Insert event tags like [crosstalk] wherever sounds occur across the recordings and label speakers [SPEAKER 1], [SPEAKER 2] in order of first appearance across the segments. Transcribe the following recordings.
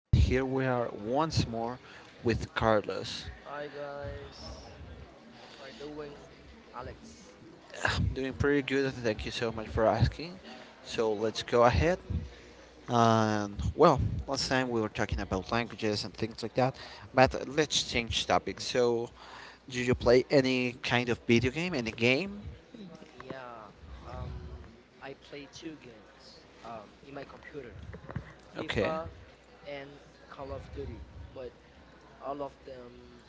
[SPEAKER 1] and here we are once more with Carlos.
[SPEAKER 2] Hi guys, how are you doing? Alex.
[SPEAKER 1] [sighs] I'm doing pretty good. Thank you so much for asking. So, let's go ahead. And, well, Last time we were talking about languages and things like that, but let's change topic. So, do you play any kind of video game? Any game?
[SPEAKER 2] Yeah, um, I play two games in my computer,
[SPEAKER 1] Okay.
[SPEAKER 2] FIFA and Call of Duty. But all of them,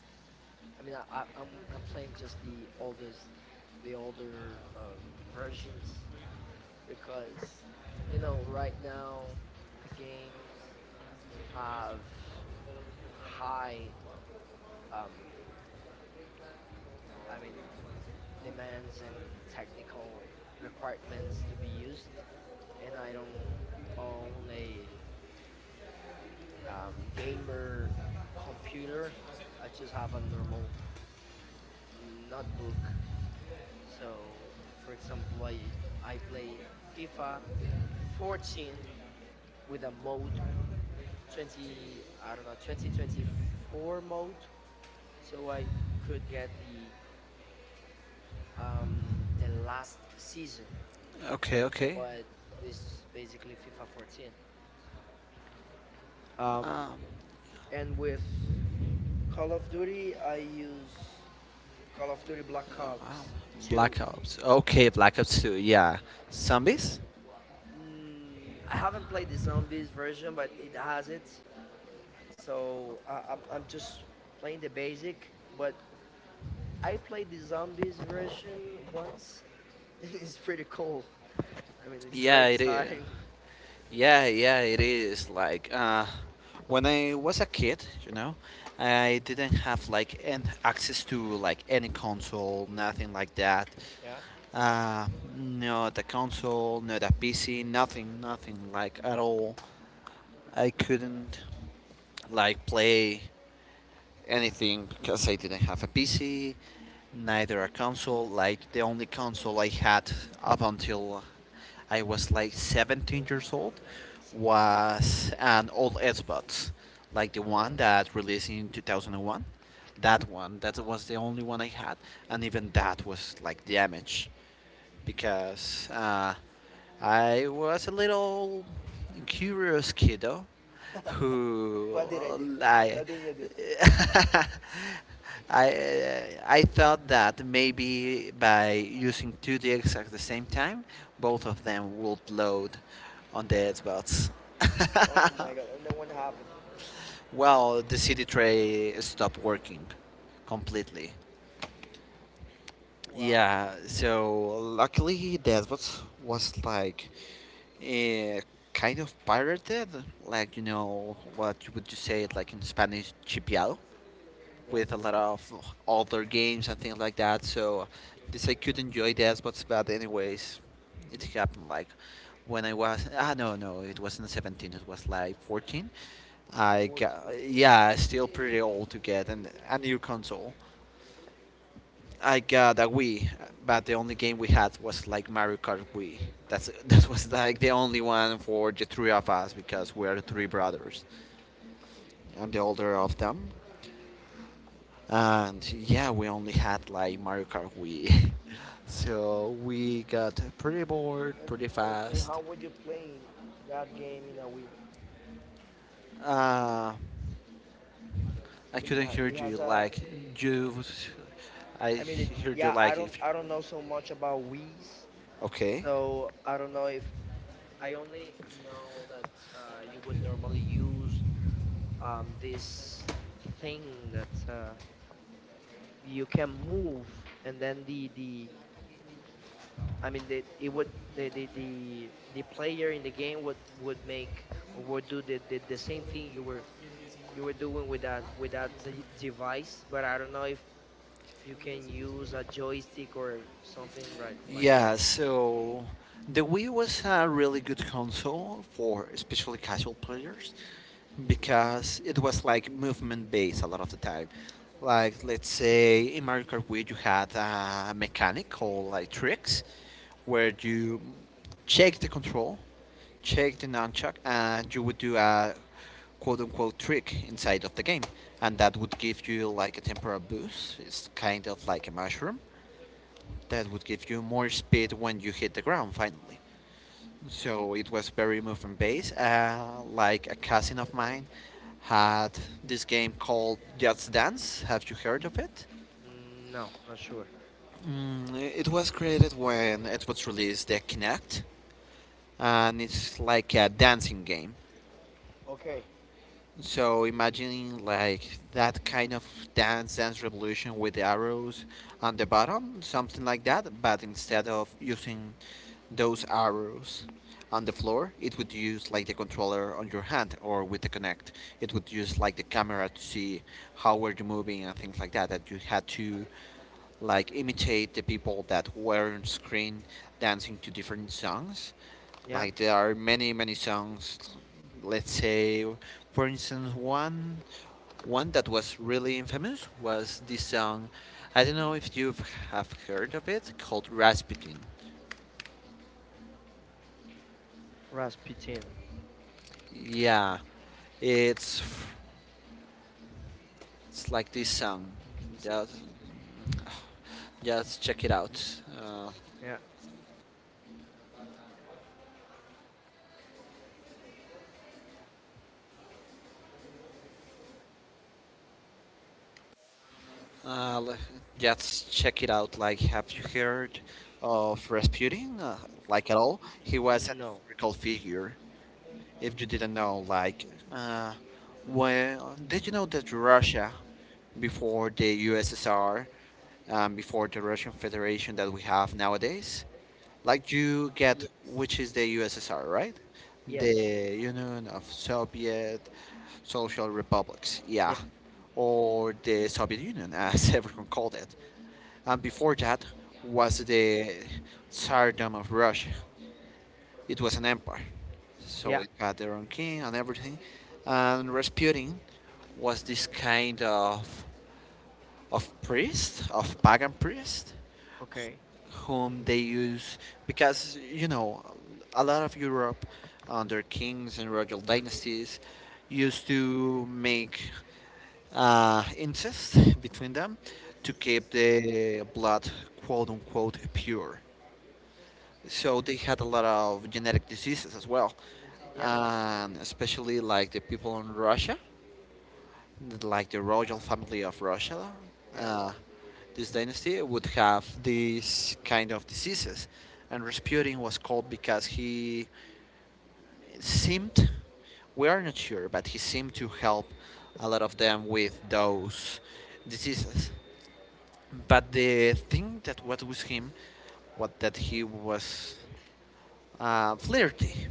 [SPEAKER 2] I mean, I'm playing just the older versions because you know right now the games have high. Um, I mean, demands and technical requirements to be used, and I don't own a gamer computer. I just have a normal notebook. So, for example, I play FIFA 14 with a mode 20 I don't know 2024 mode, so I could get the last season,
[SPEAKER 1] Okay, okay.
[SPEAKER 2] but it's basically FIFA 14. Um,
[SPEAKER 1] Um,
[SPEAKER 2] And with Call of Duty, I use Call of Duty Black Ops 2.
[SPEAKER 1] Black Ops. Okay, Black Ops 2. Yeah. Zombies?
[SPEAKER 2] Mm, I haven't played the zombies version, but it has it. So I'm just playing the basic. But I played the zombies version once. [laughs] It's pretty cool. I mean, it's very
[SPEAKER 1] Yeah, it is.
[SPEAKER 2] exciting. [laughs]
[SPEAKER 1] Yeah, yeah, it is. When I was a kid, I didn't have like an access to like any console, nothing like that. Uh, Not a console, not a PC, nothing, nothing like at all. I couldn't like play anything because I didn't have a PC, neither a console. Like the only console I had up until I was like 17 years old
[SPEAKER 2] So, so-
[SPEAKER 1] was an old Xbox, like the one that released in 2001. That one, that was the only one I had, and even that was like damaged because I was a little curious kiddo
[SPEAKER 2] [laughs]
[SPEAKER 1] who
[SPEAKER 2] what did I do?
[SPEAKER 1] I
[SPEAKER 2] What did you do?
[SPEAKER 1] [laughs] I I thought that maybe by using two discs at the same time, both of them would load on the Xbox.
[SPEAKER 2] Oh
[SPEAKER 1] [laughs]
[SPEAKER 2] my god! And then what happened?
[SPEAKER 1] Well, the CD tray stopped working completely.
[SPEAKER 2] Wow.
[SPEAKER 1] Yeah, so luckily that was like eh, kind of pirated, like you know what you would you say it like in Spanish chipiado,
[SPEAKER 2] Yeah.
[SPEAKER 1] with a lot of older games and things like that. So this I could enjoy that, but anyways, it happened like when I was ah, no, no, it wasn't 17, it was like 14. I got,
[SPEAKER 2] 14.
[SPEAKER 1] yeah, still pretty old to get a new console. I got a Wii, but the only game we had was like Mario Kart Wii. That's [laughs] that was like the only one for the three of us because we are three brothers. I'm the older of them, and yeah, we only had like Mario Kart Wii. [laughs] So we got pretty bored
[SPEAKER 2] And,
[SPEAKER 1] pretty
[SPEAKER 2] and
[SPEAKER 1] fast.
[SPEAKER 2] how would you play that game in a Wii?
[SPEAKER 1] Uh, I
[SPEAKER 2] I mean,
[SPEAKER 1] couldn't
[SPEAKER 2] yeah,
[SPEAKER 1] hear
[SPEAKER 2] it
[SPEAKER 1] you
[SPEAKER 2] has a.
[SPEAKER 1] like you. I
[SPEAKER 2] I mean, it,
[SPEAKER 1] heard you
[SPEAKER 2] yeah, I
[SPEAKER 1] like
[SPEAKER 2] don't I don't know so much about Wii's,
[SPEAKER 1] okay.
[SPEAKER 2] so I don't know if I only know that you would normally use this thing that you can move, and then the I mean the, it would the player in the game would make or would do the same thing you were doing with that device, but I don't know if you can use a joystick or something right like that.
[SPEAKER 1] Yeah, so the Wii was a really good console for especially casual players because it was like movement based a lot of the time. Like let's say in Mario Kart Wii you had a mechanic called like tricks where you check the control, check the nunchuck and you would do a quote unquote trick inside of the game and that would give you like a temporal boost. It's kind of like a mushroom that would give you more speed when you hit the ground finally. So it was very movement based. Like a cousin of mine had this game called Just Dance. Have you heard of it?
[SPEAKER 2] Mm, no, not sure.
[SPEAKER 1] Mm, it was created when Xbox released the Kinect, and it's like a dancing game.
[SPEAKER 2] Okay.
[SPEAKER 1] So imagine like that kind of dance dance revolution with the arrows on the bottom, something like that, but instead of using those arrows on the floor, it would use like the controller on your hand or with the Kinect. It would use like the camera to see how were you moving and things like that. That you had to like imitate the people that were on screen dancing to different songs
[SPEAKER 2] Yeah,
[SPEAKER 1] like there are many many songs. Let's say, for instance, one that was really infamous was this song. I don't know if you have heard of it called Rasputin.
[SPEAKER 2] Rasputin.
[SPEAKER 1] Yeah, it's it's like this song. Just just check it out.
[SPEAKER 2] Yeah,
[SPEAKER 1] Uh, just check it out. Like, have you heard of Rasputin? Like at all? He was an
[SPEAKER 2] no.
[SPEAKER 1] historical figure. If you didn't know, like, uh, well, did you know that Russia, before the USSR, before the Russian Federation that we have nowadays, like you get
[SPEAKER 2] Ye-
[SPEAKER 1] which is the USSR, right?
[SPEAKER 2] yes.
[SPEAKER 1] The Union of Soviet Social Republics,
[SPEAKER 2] Yeah.
[SPEAKER 1] yeah, or the Soviet Union, [laughs] as everyone called it. And before that was the Tsardom of Russia, it was an empire. So
[SPEAKER 2] Yeah.
[SPEAKER 1] it had their own king and everything. And Rasputin was this kind of priest, of pagan priest,
[SPEAKER 2] Okay.
[SPEAKER 1] whom they use because you know a lot of Europe under kings and royal dynasties used to make incest between them to keep the blood quote unquote pure, so they had a lot of genetic diseases as well,
[SPEAKER 2] Yeah.
[SPEAKER 1] and especially like the people in Russia, like the royal family of Russia,
[SPEAKER 2] Yeah.
[SPEAKER 1] uh, this dynasty would have these kind of diseases. And Rasputin was called because he seemed, we are not sure, but he seemed to help a lot of them with those diseases. But the thing that what was him, what that he was, flirty,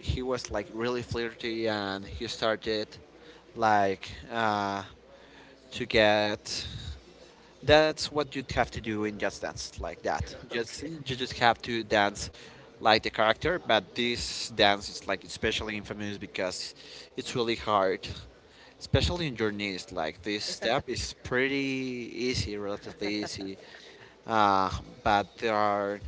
[SPEAKER 1] he was like really flirty, and he started like to get, that's what you'd have to do in just dance, like that
[SPEAKER 2] [laughs]
[SPEAKER 1] just
[SPEAKER 2] Okay.
[SPEAKER 1] you just have to dance like the character. But this dance is like especially infamous because it's really hard, especially in your knees, like this step
[SPEAKER 2] [laughs]
[SPEAKER 1] is pretty easy, relatively easy, uh, but there are,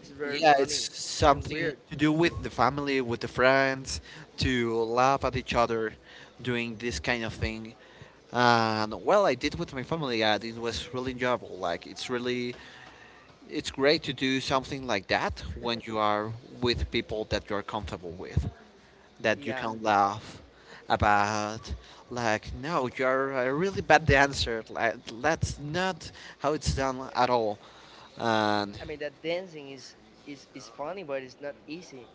[SPEAKER 2] It's very
[SPEAKER 1] yeah,
[SPEAKER 2] funny
[SPEAKER 1] it's
[SPEAKER 2] and
[SPEAKER 1] something
[SPEAKER 2] weird.
[SPEAKER 1] to do with the family, with the friends, to laugh at each other doing this kind of thing. And well, I did with my family, and it was really enjoyable. Like, it's really, it's great to do something like that when you are with people that you're comfortable with, that you
[SPEAKER 2] Yeah.
[SPEAKER 1] can laugh about. Like, no, you're a really bad dancer. Like, that's not how it's done at all. And
[SPEAKER 2] I mean that dancing is funny, but it's not easy.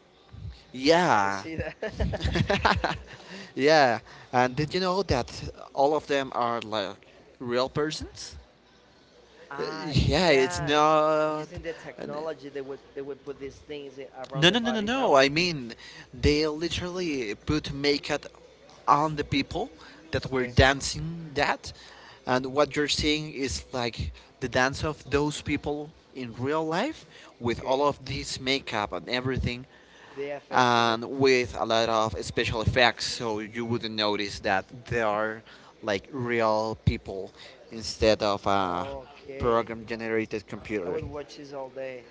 [SPEAKER 2] You
[SPEAKER 1] yeah.
[SPEAKER 2] see that? [laughs]
[SPEAKER 1] [laughs] Yeah. And did you know that all of them are like real persons?
[SPEAKER 2] Ah
[SPEAKER 1] Yeah, it's
[SPEAKER 2] yeah,
[SPEAKER 1] not.
[SPEAKER 2] using the
[SPEAKER 1] and-
[SPEAKER 2] technology, they would put these things around
[SPEAKER 1] No,
[SPEAKER 2] the
[SPEAKER 1] no, no, no,
[SPEAKER 2] body.
[SPEAKER 1] no.
[SPEAKER 2] No,
[SPEAKER 1] I mean, they literally put makeup on the people that were
[SPEAKER 2] okay,
[SPEAKER 1] dancing that. And what you're seeing is like the dance of those people in real life with all
[SPEAKER 2] okay,
[SPEAKER 1] of this makeup and everything,
[SPEAKER 2] the effects and
[SPEAKER 1] and
[SPEAKER 2] everything.
[SPEAKER 1] with a lot of special effects, so you wouldn't notice that they are like real people instead of a
[SPEAKER 2] Okay,
[SPEAKER 1] program generated
[SPEAKER 2] I
[SPEAKER 1] computer.
[SPEAKER 2] would watch this all day.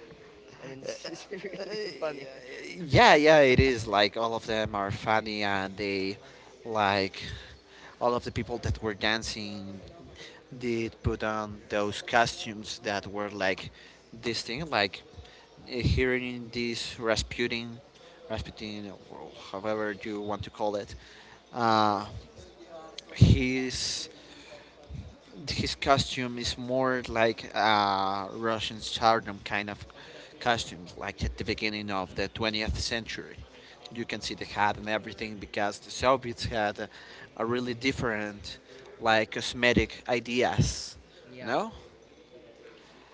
[SPEAKER 2] I mean, [laughs] this is really funny.
[SPEAKER 1] Yeah, yeah, it is, like all of them are funny and they like, all of the people that were dancing did put on those costumes that were like this thing, like hearing this rasputin or however you want to call it, uh, his his costume is more like Russian stardom kind of costumes, like at the beginning of the 20th century. You can see the hat and everything because the Soviets had a really different, like cosmetic ideas, you
[SPEAKER 2] Yeah,
[SPEAKER 1] know.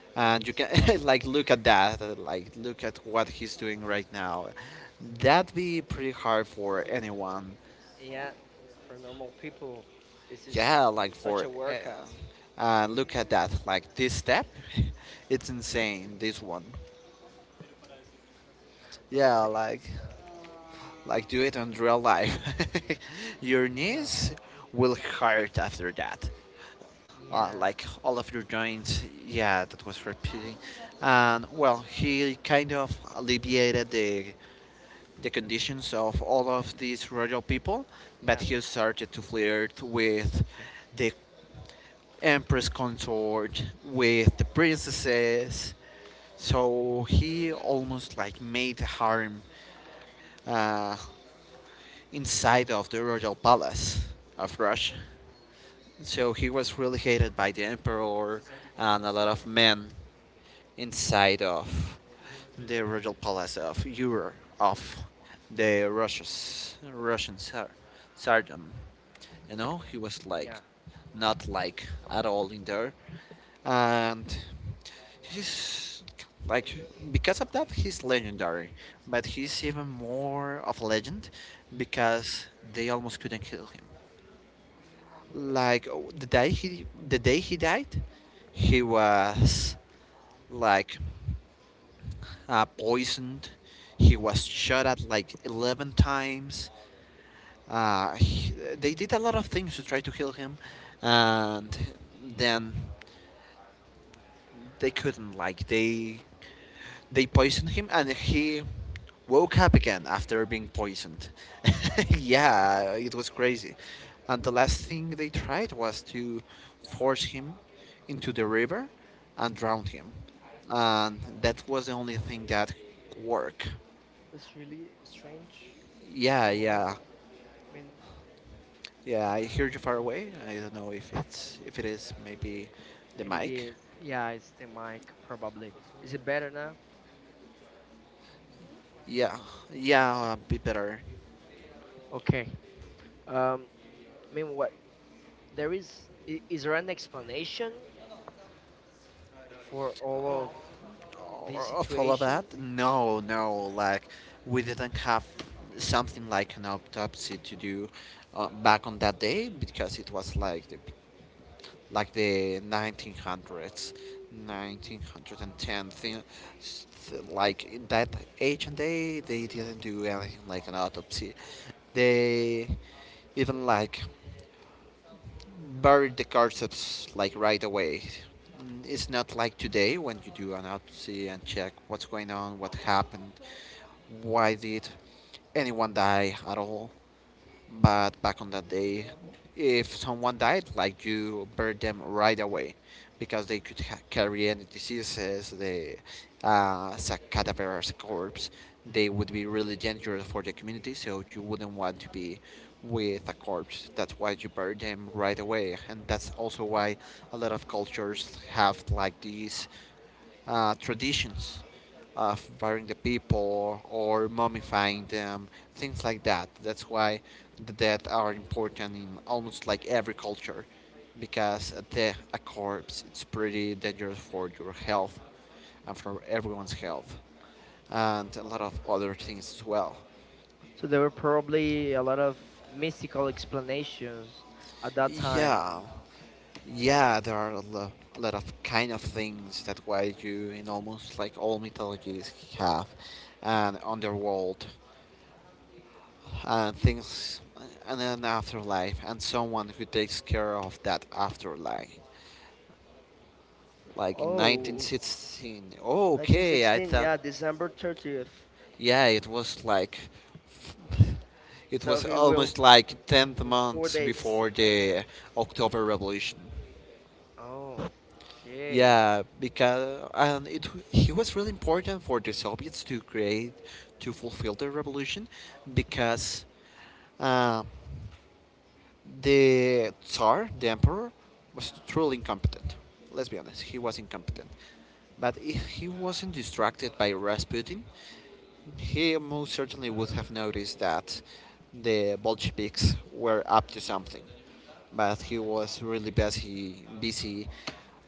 [SPEAKER 2] let me
[SPEAKER 1] And you can
[SPEAKER 2] see.
[SPEAKER 1] [laughs]
[SPEAKER 2] That.
[SPEAKER 1] like look at that, like look at what he's doing right now. That'd be pretty hard for anyone.
[SPEAKER 2] Yeah, for normal people, this is
[SPEAKER 1] Yeah, like
[SPEAKER 2] such
[SPEAKER 1] for
[SPEAKER 2] a workout. [laughs]
[SPEAKER 1] look at that. Like this step, [laughs] it's insane. This one.
[SPEAKER 2] Oh
[SPEAKER 1] Yeah,
[SPEAKER 2] my,
[SPEAKER 1] like do it in real life. [laughs] Your
[SPEAKER 2] no.
[SPEAKER 1] knees will hurt after that.
[SPEAKER 2] Yeah,
[SPEAKER 1] Like all of your joints. Yeah, that was repeating. And well, he kind of alleviated the conditions of all of these royal people, but
[SPEAKER 2] yeah,
[SPEAKER 1] he started to flirt with the empress consort, with the princesses. So he almost like made a harem uh, inside of the royal palace of Russia. So he was really hated by the emperor and a lot of men inside of the royal palace of Europe, of the Russians, Russian tsar, tsardom. You know, he was
[SPEAKER 2] yeah.
[SPEAKER 1] like not like at all in there. And he's like, because of that he's legendary, but he's even more of a legend because they almost couldn't kill him. Like oh, the day he died he was like poisoned, he was shot at like 11 times, uh, he- they did a lot of things to try to heal him, and then they couldn't, like they poisoned him and he woke up again after being poisoned. [laughs] Yeah, it was crazy. And the last thing they tried was to force him into the river and drown him, and that was the only thing that worked.
[SPEAKER 2] It's really strange.
[SPEAKER 1] Yeah,
[SPEAKER 2] You know,
[SPEAKER 1] yeah,
[SPEAKER 2] I mean,
[SPEAKER 1] yeah, I hear you far away, I don't know if it's, if it is maybe the
[SPEAKER 2] maybe
[SPEAKER 1] mic.
[SPEAKER 2] the yeah, it's the mic probably. Is it better now?
[SPEAKER 1] Yeah, yeah, be better.
[SPEAKER 2] Okay. Um, I mean, what there is is there an explanation for all of this
[SPEAKER 1] Of all of that?
[SPEAKER 2] situation?
[SPEAKER 1] No, no. Like we didn't have something like an autopsy to do back on that day because it was like the 1900s, 1910 thing. Like in that age and day, they didn't do anything like an autopsy. They even like buried the concepts like right away. Mm, it's not like today when you do an autopsy and check what's going on, what happened, why did anyone die at all. But back on that day, if someone died, like you buried them right away, because they could carry any diseases. The as a cadaverous corpse, they would be really dangerous for the community. So you wouldn't want to be with a corpse. That's why you bury them right away, and that's also why a lot of cultures have like these traditions of burying the people or mummifying them, things like that. That's why the dead are important in almost like every culture, because a corpse it's pretty dangerous for your health and for everyone's health, and a lot of other things as well.
[SPEAKER 2] So there were probably a lot of mystical explanations at that time.
[SPEAKER 1] Yeah, yeah, there are a lot of kind of things that why you in almost like all mythologies have, and underworld and things and an afterlife and someone who takes care of that afterlife like in
[SPEAKER 2] Oh,
[SPEAKER 1] 1916. Oh, okay, I
[SPEAKER 2] 1916, yeah,
[SPEAKER 1] thought.
[SPEAKER 2] December 30th.
[SPEAKER 1] Yeah, it was like it
[SPEAKER 2] So
[SPEAKER 1] was
[SPEAKER 2] he will
[SPEAKER 1] almost like 10th
[SPEAKER 2] in four
[SPEAKER 1] month
[SPEAKER 2] days.
[SPEAKER 1] before the october revolution.
[SPEAKER 2] Oh, okay,
[SPEAKER 1] Yeah, because and it he was really important for the soviets to create to fulfill the revolution because uh, the Tsar, the Emperor, was truly incompetent. Let's be honest, he was incompetent. But if he wasn't distracted by Rasputin, he most certainly would have noticed that the Bolsheviks were up to something, but he was really busy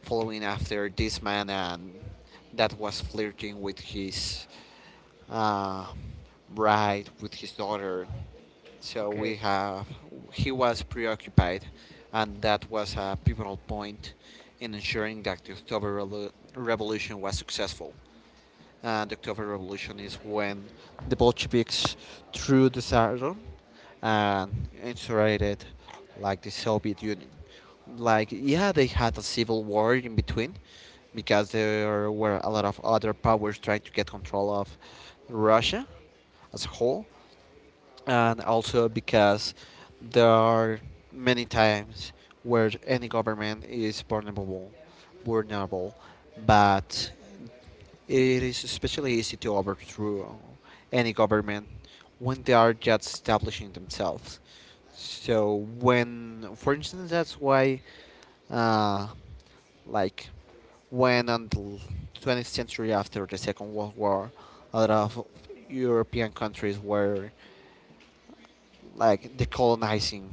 [SPEAKER 1] following after this man and that was flirting with his uh, bride, with his daughter. So we
[SPEAKER 2] okay,
[SPEAKER 1] have he was preoccupied, and that was a pivotal point in ensuring that the October Revolution was successful. And the October Revolution is when the Bolsheviks threw the Tsardom and insurated like the Soviet Union. Like, yeah, they had a civil war in between because there were a lot of other powers trying to get control of Russia as a whole, and also because there are many times where any government is vulnerable, but it is especially easy to overthrow any government when they are just establishing themselves. So when, for instance, that's why, uh, like, when until 20th century after the Second World War, a lot of European countries were like decolonizing,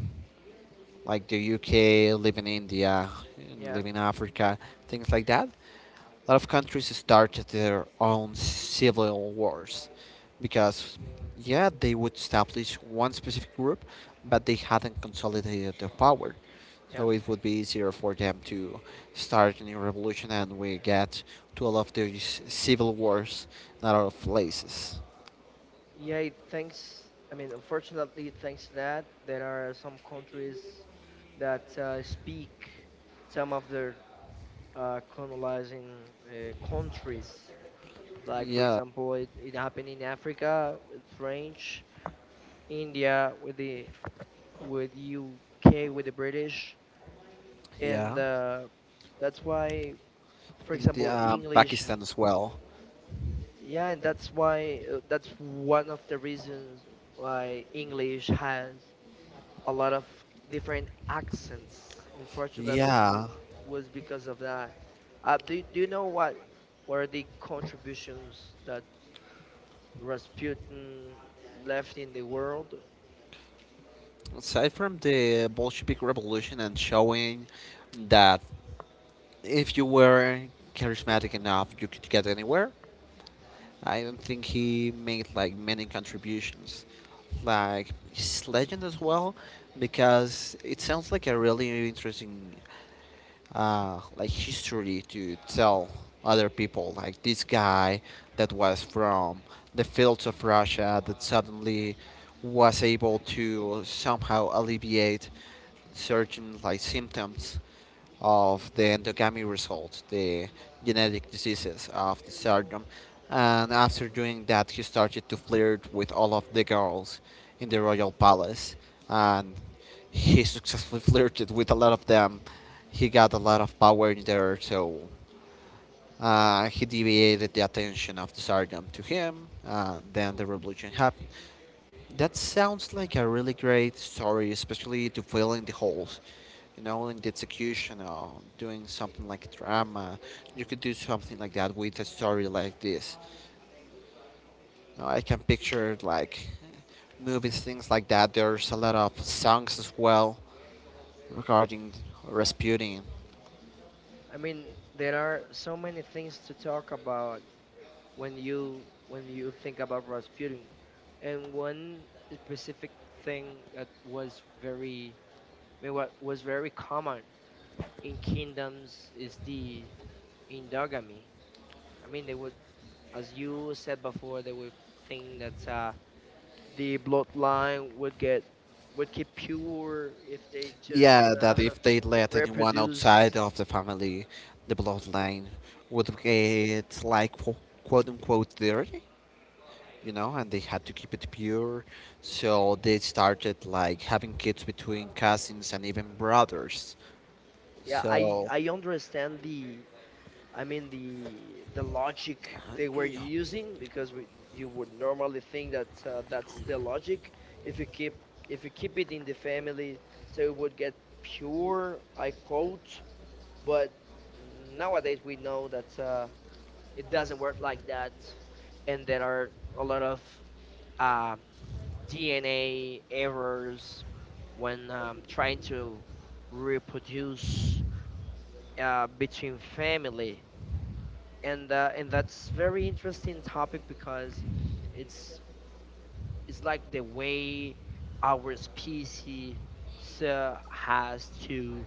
[SPEAKER 1] like the UK, living in India,
[SPEAKER 2] yeah,
[SPEAKER 1] living in Africa, things like that. A lot of countries started their own civil wars because, yeah, they would establish one specific group, but they hadn't consolidated their power.
[SPEAKER 2] yeah,
[SPEAKER 1] So it would be easier for them to start a new revolution, and we get to a lot of these civil wars in a lot of places.
[SPEAKER 2] yeah. Thanks. I mean, unfortunately, thanks to that, there are some countries that speak some of their colonizing countries. Like, for
[SPEAKER 1] Yeah,
[SPEAKER 2] example, it happened in Africa with French, India with the with UK with the British,
[SPEAKER 1] yeah.
[SPEAKER 2] and that's why, for
[SPEAKER 1] The,
[SPEAKER 2] example, English.
[SPEAKER 1] Pakistan as well.
[SPEAKER 2] Yeah, and that's why that's one of the reasons why English has a lot of different accents. Unfortunately,
[SPEAKER 1] Yeah,
[SPEAKER 2] was because of that. Do you know what were the contributions that Rasputin left in the world?
[SPEAKER 1] aside from the Bolshevik Revolution and showing that if you were charismatic enough, you could get anywhere, I don't think he made like many contributions. Like his legend as well, because it sounds like a really interesting like history to tell other people. Like this guy that was from the fields of Russia that suddenly was able to somehow alleviate certain like symptoms of the endogamy result, the genetic diseases of the syndrome. And after doing that, he started to flirt with all of the girls in the royal palace, and he successfully [laughs] flirted with a lot of them. He got a lot of power in there, so he deviated the attention of the Tsardom to him. Then the revolution happened. That sounds like a really great story, especially to fill in the holes. You know, in the execution or doing something like drama, you could do something like that with a story like this. You know, I can picture like movies, things like that. There's a lot of songs as well regarding Rasputin.
[SPEAKER 2] I mean, there are so many things to talk about when you think about Rasputin, and one specific thing that was very I mean, what was very common in kingdoms is the endogamy. I mean, they would as you said before, they would think that the bloodline would get would keep pure if they just
[SPEAKER 1] Yeah, that if they
[SPEAKER 2] [laughs]
[SPEAKER 1] let anyone
[SPEAKER 2] reproduce.
[SPEAKER 1] outside of the family, the bloodline would get like quote unquote dirty. You know, and they had to keep it pure. So they started like having kids between cousins and even brothers.
[SPEAKER 2] Yeah, I
[SPEAKER 1] So
[SPEAKER 2] I understand the I mean the logic they were using because we you would normally think that that's the logic if you keep if you keep it in the family so it would get pure I quote but nowadays we know that. It doesn't work like that. And there are a lot of um, DNA errors when trying to reproduce between family. And that's very interesting topic because it's it's like the way our species has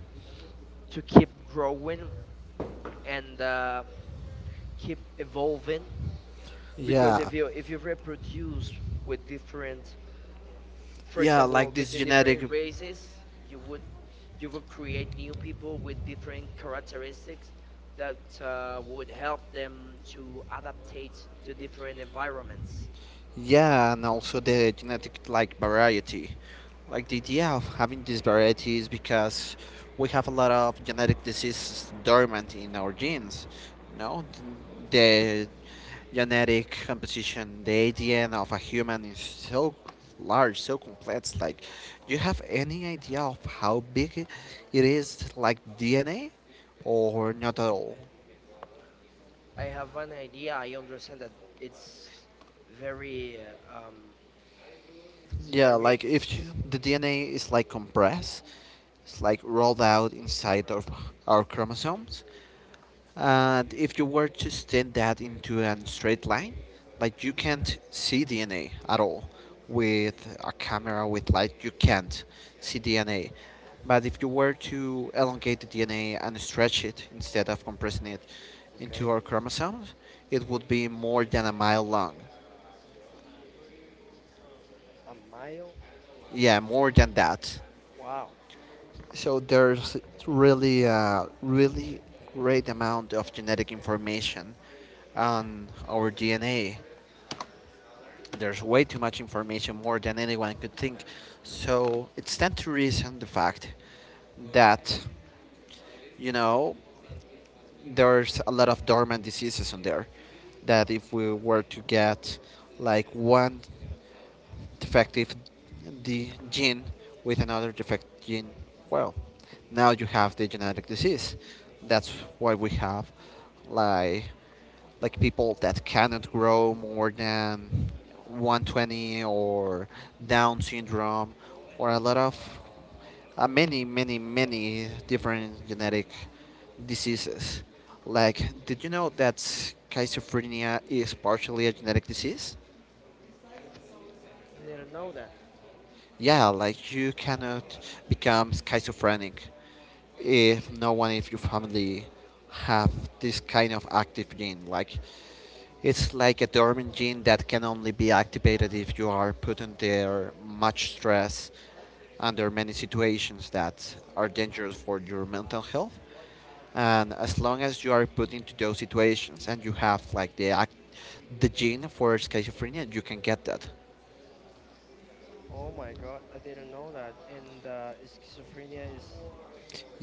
[SPEAKER 2] to keep growing and keep evolving because
[SPEAKER 1] yeah,
[SPEAKER 2] if you reproduce with different for
[SPEAKER 1] yeah,
[SPEAKER 2] example
[SPEAKER 1] like this
[SPEAKER 2] between different
[SPEAKER 1] genetic.
[SPEAKER 2] races you would you would create new people with different characteristics that would help them to adaptate to different environments.
[SPEAKER 1] Yeah, and also the genetic like variety. Like the idea of having these varieties because we have a lot of genetic diseases dormant in our genes. You know, the genetic composition, the ADN of a human is so large, so complex. Like, do you have any idea of how big it is, like DNA, or not at all?
[SPEAKER 2] I have an idea. I understand that it's very uh, um it's
[SPEAKER 1] Yeah,
[SPEAKER 2] very
[SPEAKER 1] like if you, the DNA is like compressed, it's like rolled out inside of our chromosomes, and if you were to extend that into a straight line, like you can't see DNA at all with a camera with light. You can't see DNA, but if you were to elongate the DNA and stretch it instead of compressing it into
[SPEAKER 2] okay.
[SPEAKER 1] our chromosomes, it would be more than a mile long.
[SPEAKER 2] A mile.
[SPEAKER 1] Yeah, more than that.
[SPEAKER 2] Wow.
[SPEAKER 1] So there's really a really great amount of genetic information on our DNA. There's way too much information, more than anyone could think. So it stands to reason the fact that, you know, there's a lot of dormant diseases on there. That if we were to get like one defective the gene with another defective gene, well, now you have the genetic disease. That's why we have like like people that cannot grow more than 120 or Down syndrome or a lot of many different genetic diseases. Like, did you know that schizophrenia is partially a genetic disease?
[SPEAKER 2] I didn't know that.
[SPEAKER 1] Yeah, like you cannot become schizophrenic if no one in your family have this kind of active gene. Like it's like a dormant gene that can only be activated if you are put under much stress, under many situations that are dangerous for your mental health. And as long as you are put into those situations and you have like the gene for schizophrenia, you can get that.
[SPEAKER 2] Oh my god, I didn't know that. And schizophrenia is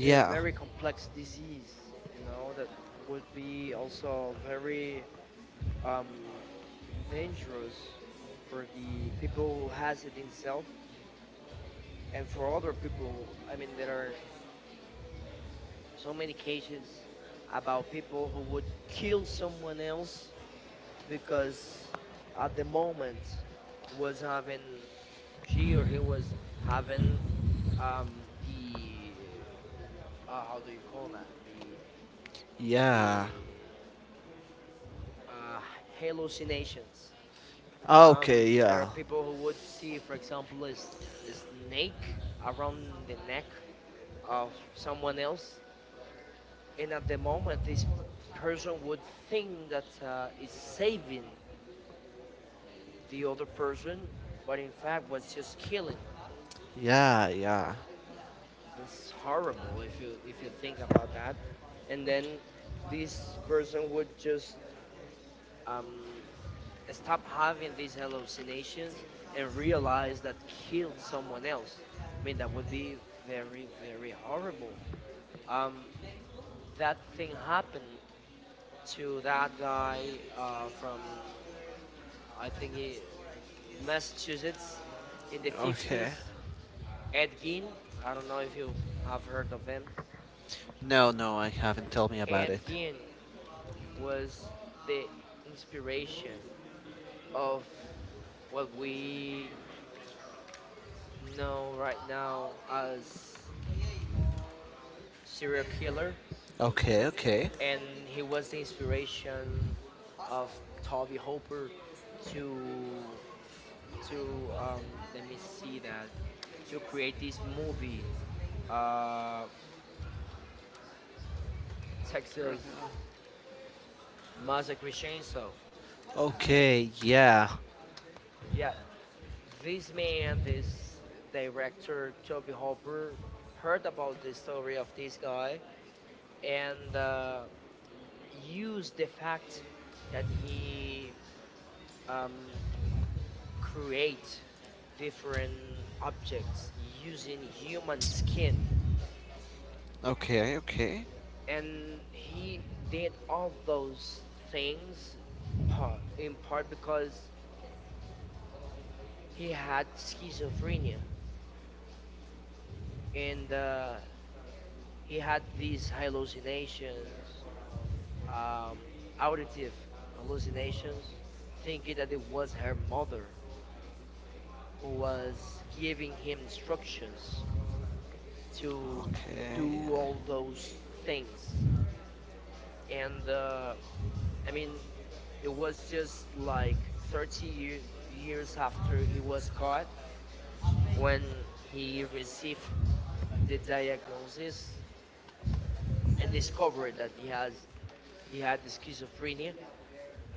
[SPEAKER 2] yeah, very complex disease, you know, that would be also very um, dangerous for the people who has it himself and for other people. I mean, there are so many cases about people who would kill someone else because at the moment was having she or he was having the how do you call that
[SPEAKER 1] yeah.
[SPEAKER 2] the uh, hallucinations.
[SPEAKER 1] Okay,
[SPEAKER 2] There are
[SPEAKER 1] yeah.
[SPEAKER 2] people who would see, for example, a snake around the neck of someone else, and at the moment, this person would think that it's saving the other person, but in fact, was just killing them.
[SPEAKER 1] Yeah, yeah.
[SPEAKER 2] That's horrible if you think about that. And then this person would just um, stop having these hallucinations and realize that killed someone else. I mean, that would be very, very horrible. Um, that thing happened to that guy from, I think, he, Massachusetts in the
[SPEAKER 1] Okay.
[SPEAKER 2] 50s, Ed Gein. I don't know if you have heard of him.
[SPEAKER 1] No, no, I haven't. Tell me about it.
[SPEAKER 2] Ed Gein was the inspiration of what we know right now as serial killer,
[SPEAKER 1] Okay, okay.
[SPEAKER 2] and he was the inspiration of Toby Hooper to let me see that to create this movie, uh, Texas Massacre Chainsaw.
[SPEAKER 1] Okay, yeah.
[SPEAKER 2] Yeah, this man, this director Toby Hooper, heard about the story of this guy and used the fact that he um, create different objects using human skin
[SPEAKER 1] Okay, okay.
[SPEAKER 2] and he did all those things part, in part because he had schizophrenia and he had these hallucinations um, auditive hallucinations thinking that it was her mother who was giving him instructions to
[SPEAKER 1] Okay,
[SPEAKER 2] do all those things and I mean, it was just like 30 year, years after he was caught when he received the diagnosis and discovered that he has he had the schizophrenia.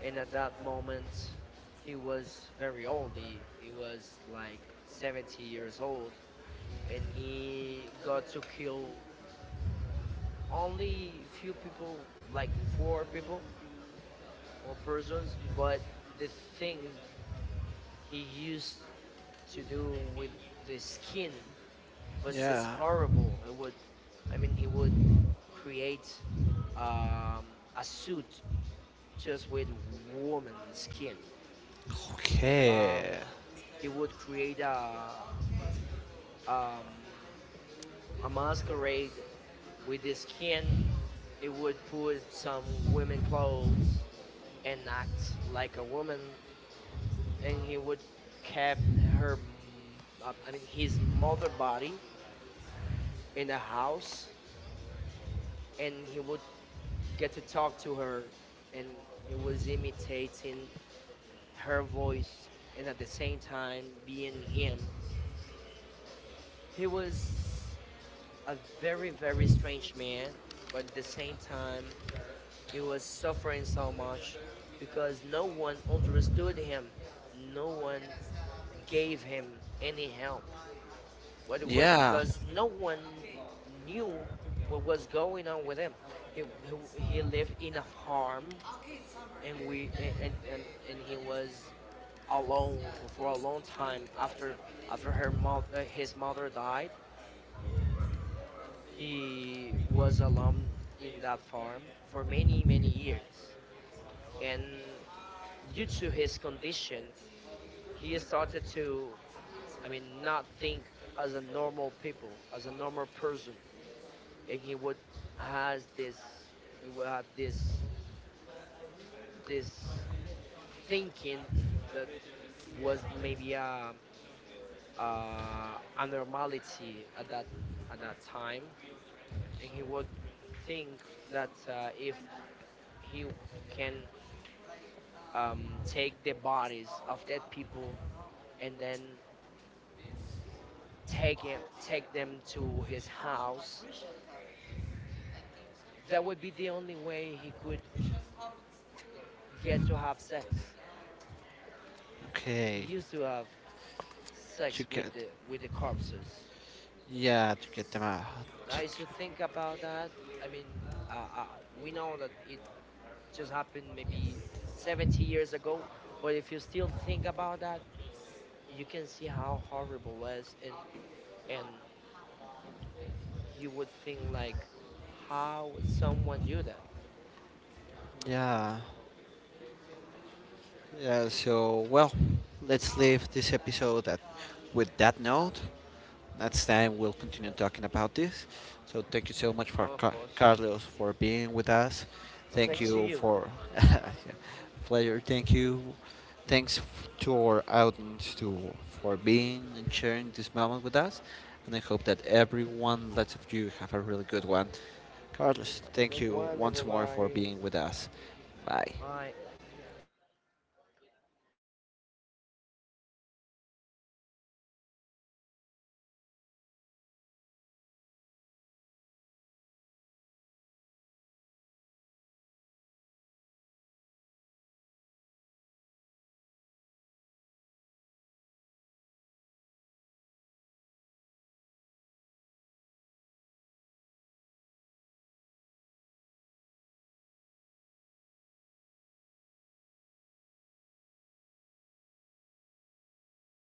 [SPEAKER 2] And at that moment, he was very old. He was like 70 years old, and he got to kill only few people, like four people, four persons. But the things he used to do with the skin was just
[SPEAKER 1] yeah.
[SPEAKER 2] horrible. It would, I mean, he would
[SPEAKER 1] Yeah.
[SPEAKER 2] create a suit just with woman skin.
[SPEAKER 1] Okay.
[SPEAKER 2] Um, he would create um, a masquerade with the skin. He would put some women clothes and act like a woman, and he would kept I mean, his mother body in the house, and he would get to talk to her and he was imitating her voice and at the same time being him he was a very very strange man but at the same time he was suffering so much because no one understood him no one gave him any help but it was
[SPEAKER 1] Yeah.
[SPEAKER 2] because no one knew what was going on with him he, he lived in a farm and we a- and he was alone for a long time after after his mother died he was alone in that farm for many many years and due to his condition he started to I mean not think as a normal people as a normal person and has this he would have this thinking that was maybe abnormality at that time, and he would think that if he can take the bodies of dead people and then take them to his house, that would be the only way he could get to have sex. He
[SPEAKER 1] Okay.
[SPEAKER 2] used to have
[SPEAKER 1] To
[SPEAKER 2] sex
[SPEAKER 1] get.
[SPEAKER 2] with the corpses.
[SPEAKER 1] Yeah, to get them out.
[SPEAKER 2] I used to think about that. I mean, uh, uh, we know that it just happened maybe 70 years ago but if you still think about that you can see how horrible it is and you would think like how would someone do that
[SPEAKER 1] Yeah. Yeah. So well, let's leave this episode at with that note. Next time we'll continue talking about this. So thank you so much for
[SPEAKER 2] of course
[SPEAKER 1] Carlos for being with us.
[SPEAKER 2] well,
[SPEAKER 1] Thank
[SPEAKER 2] thanks to
[SPEAKER 1] you
[SPEAKER 2] you
[SPEAKER 1] for [laughs] pleasure. Thank you. Thanks to our audience to for being and sharing this moment with us. And I hope that everyone, lots of you, have a really good one. Carlos,
[SPEAKER 2] have a
[SPEAKER 1] thank
[SPEAKER 2] good
[SPEAKER 1] you
[SPEAKER 2] one
[SPEAKER 1] once more for
[SPEAKER 2] everybody
[SPEAKER 1] being with us. Bye.
[SPEAKER 2] bye